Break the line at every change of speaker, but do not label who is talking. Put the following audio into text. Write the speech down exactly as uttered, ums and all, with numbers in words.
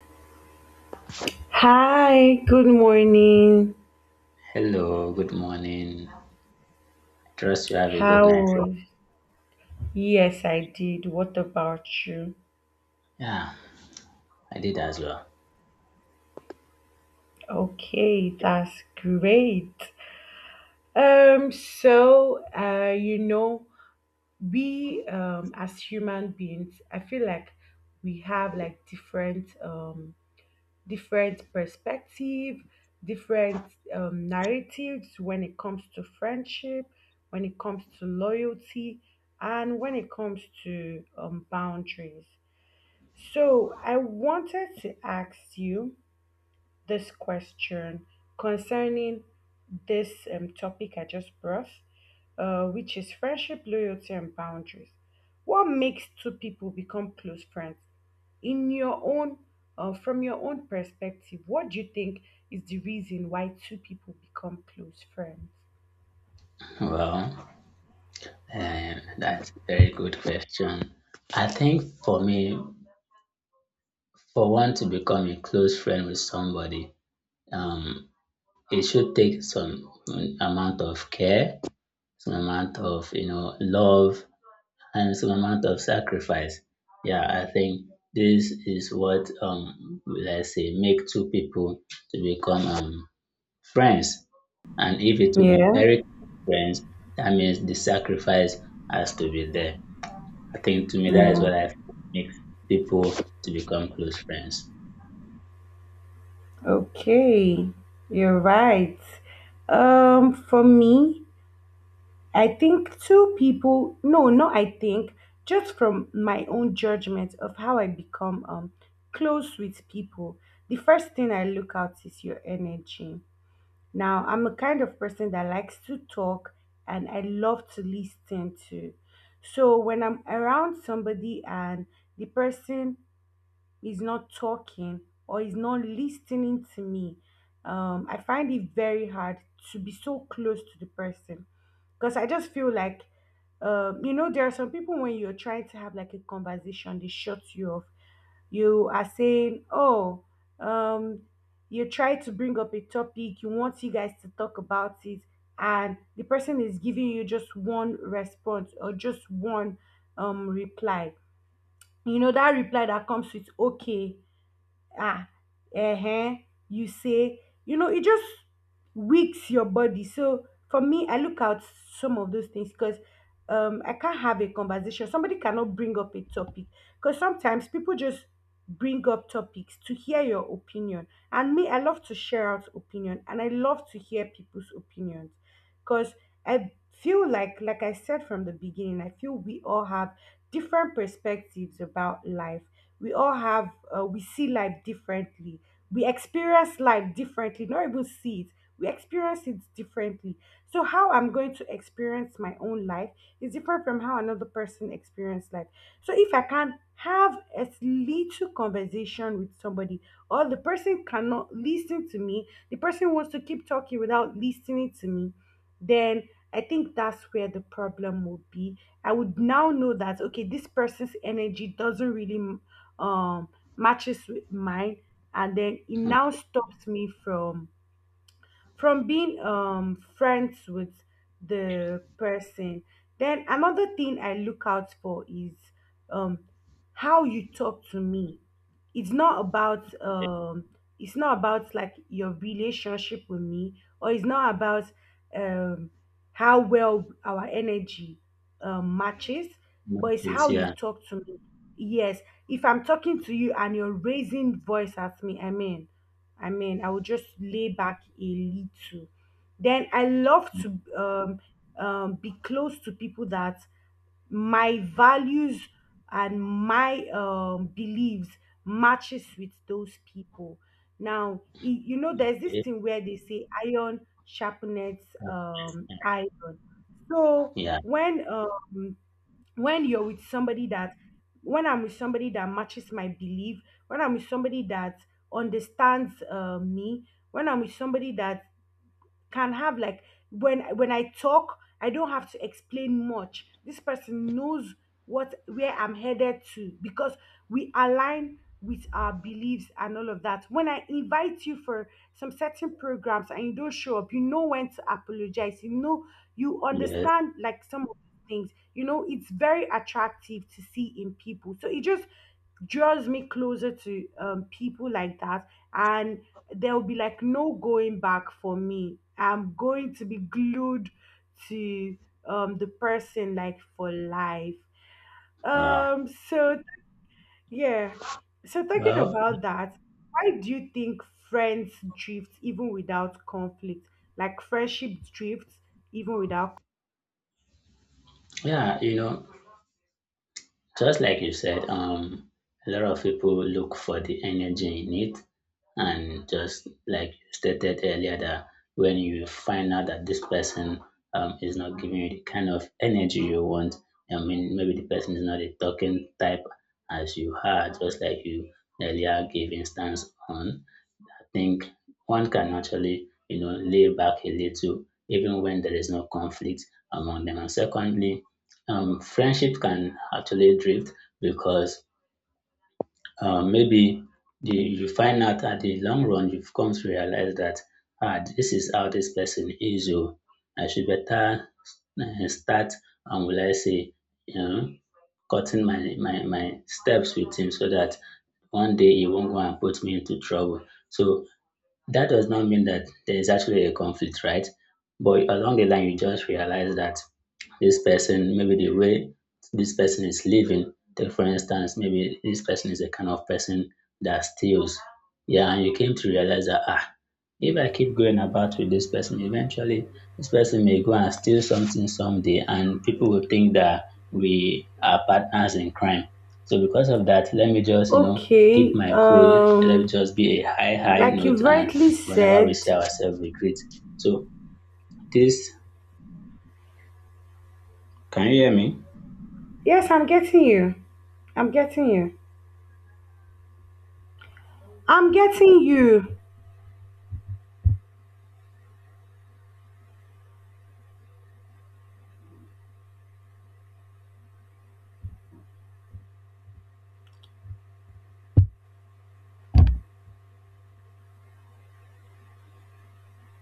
Hi, good morning.
Hello, good morning. I trust you have a good
How
night. Sir.
was? Yes, I did. What about you?
Yeah, I did as well.
Okay, that's great. Um, so uh, you know, we um as human beings, I feel like we have like different um different perspective, different um narratives when it comes to friendship, when it comes to loyalty, and when it comes to um boundaries. So, I wanted to ask you this question concerning this um, topic I just brought, uh, which is friendship, loyalty, and boundaries. What makes two people become close friends? In your own, uh, from your own perspective, what do you think is the reason why two people become close friends?
Well, um, that's a very good question. I think for me, for one to become a close friend with somebody, um, it should take some amount of care, some amount of you know love, and some amount of sacrifice. Yeah, I think this is what um let's say make two people to become um friends, and if it will be
Yeah,
very close friends, that means the sacrifice has to be there. I think to me that is
yeah.
what I feel makes people to become close friends.
Okay. You're right. Um, for me, I think two people, no, not I think, just from my own judgment of how I become um, close with people, the first thing I look out is your energy. Now, I'm a kind of person that likes to talk and I love to listen to. So, when I'm around somebody and the person is not talking or is not listening to me, um, I find it very hard to be so close to the person because I just feel like, um, you know, there are some people when you're trying to have like a conversation, they shut you off. You are saying, oh, um, you try to bring up a topic, you want you guys to talk about it, and the person is giving you just one response or just one um reply. You know, that reply that comes with okay, ah, uh, you say, you know, it just weaks your body. So for me, I look out some of those things because um I can't have a conversation somebody cannot bring up a topic, because sometimes people just bring up topics to hear your opinion, and me, I love to share out opinion and I love to hear people's opinions, because I feel like like I said from the beginning, I feel we all have different perspectives about life. We all have uh, we see life differently. We experience life differently, not even see it, we experience it differently. So how I'm going to experience my own life is different from how another person experiences life. So if I can have as little conversation with somebody, or the person cannot listen to me, the person wants to keep talking without listening to me, then I think that's where the problem would be. I would now know that okay, this person's energy doesn't really um matches with mine, and then it now stops me from from being um friends with the person. Then another thing I look out for is um how you talk to me. It's not about um it's not about like your relationship with me, or it's not about um how well our energy um, matches, but
Much
it's how you
easier.
talk to me. Yes, if I'm talking to you and you're raising voice at me, i mean I mean, I would just lay back a little. Then I love to um, um, be close to people that my values and my um, beliefs matches with those people. Now, y- you know, there's this thing where they say iron sharpens um, iron. So
Yeah.
when um, when you're with somebody that when I'm with somebody that matches my belief, when I'm with somebody that understands uh, me, when I'm with somebody that can have like when when I talk, I don't have to explain much. This person knows what where I'm headed to because we align with our beliefs and all of that. When I invite you for some certain programs and you don't show up, you know when to apologize. You know, you
Yes.
understand like some of the things. You know it's very attractive to see in people. So it just draws me closer to um, people like that, and there will be like no going back for me. I'm going to be glued to um, the person, like for life.
Wow.
um so yeah. So talking
Well,
about that, why do you think friends drift even without conflict? Like friendship drifts even without.
yeah, you know, just like you said, um, a lot of people look for the energy in it, and just like you stated earlier that when you find out that this person um, is not giving you the kind of energy you want. I mean, maybe the person is not a talking type as you are. Just like you earlier gave instance on, I think one can actually, you know, lay back a little even when there is no conflict among them. And secondly, um, friendship can actually drift because uh, maybe the, you find out at the long run, you've come to realize that, ah, this is how this person is. Oh, I should better uh, start, and will I say, you know, cutting my, my, my steps with him so that one day he won't go and put me into trouble. So that does not mean that there is actually a conflict, right? But along the line, you just realize that this person, maybe the way this person is living, take for instance, maybe this person is a kind of person that steals. Yeah, and you came to realize that, ah, if I keep going about with this person, eventually this person may go and steal something someday, and people will think that we are partners in crime. So because of that, let me just, you know, keep
Okay.
my cool. Let me
Um
just be a high, high
like
note
you
and
rightly
whenever we
said.
see ourselves, we greet. So this, can you hear me?
Yes, I'm getting you. I'm getting you. I'm getting you.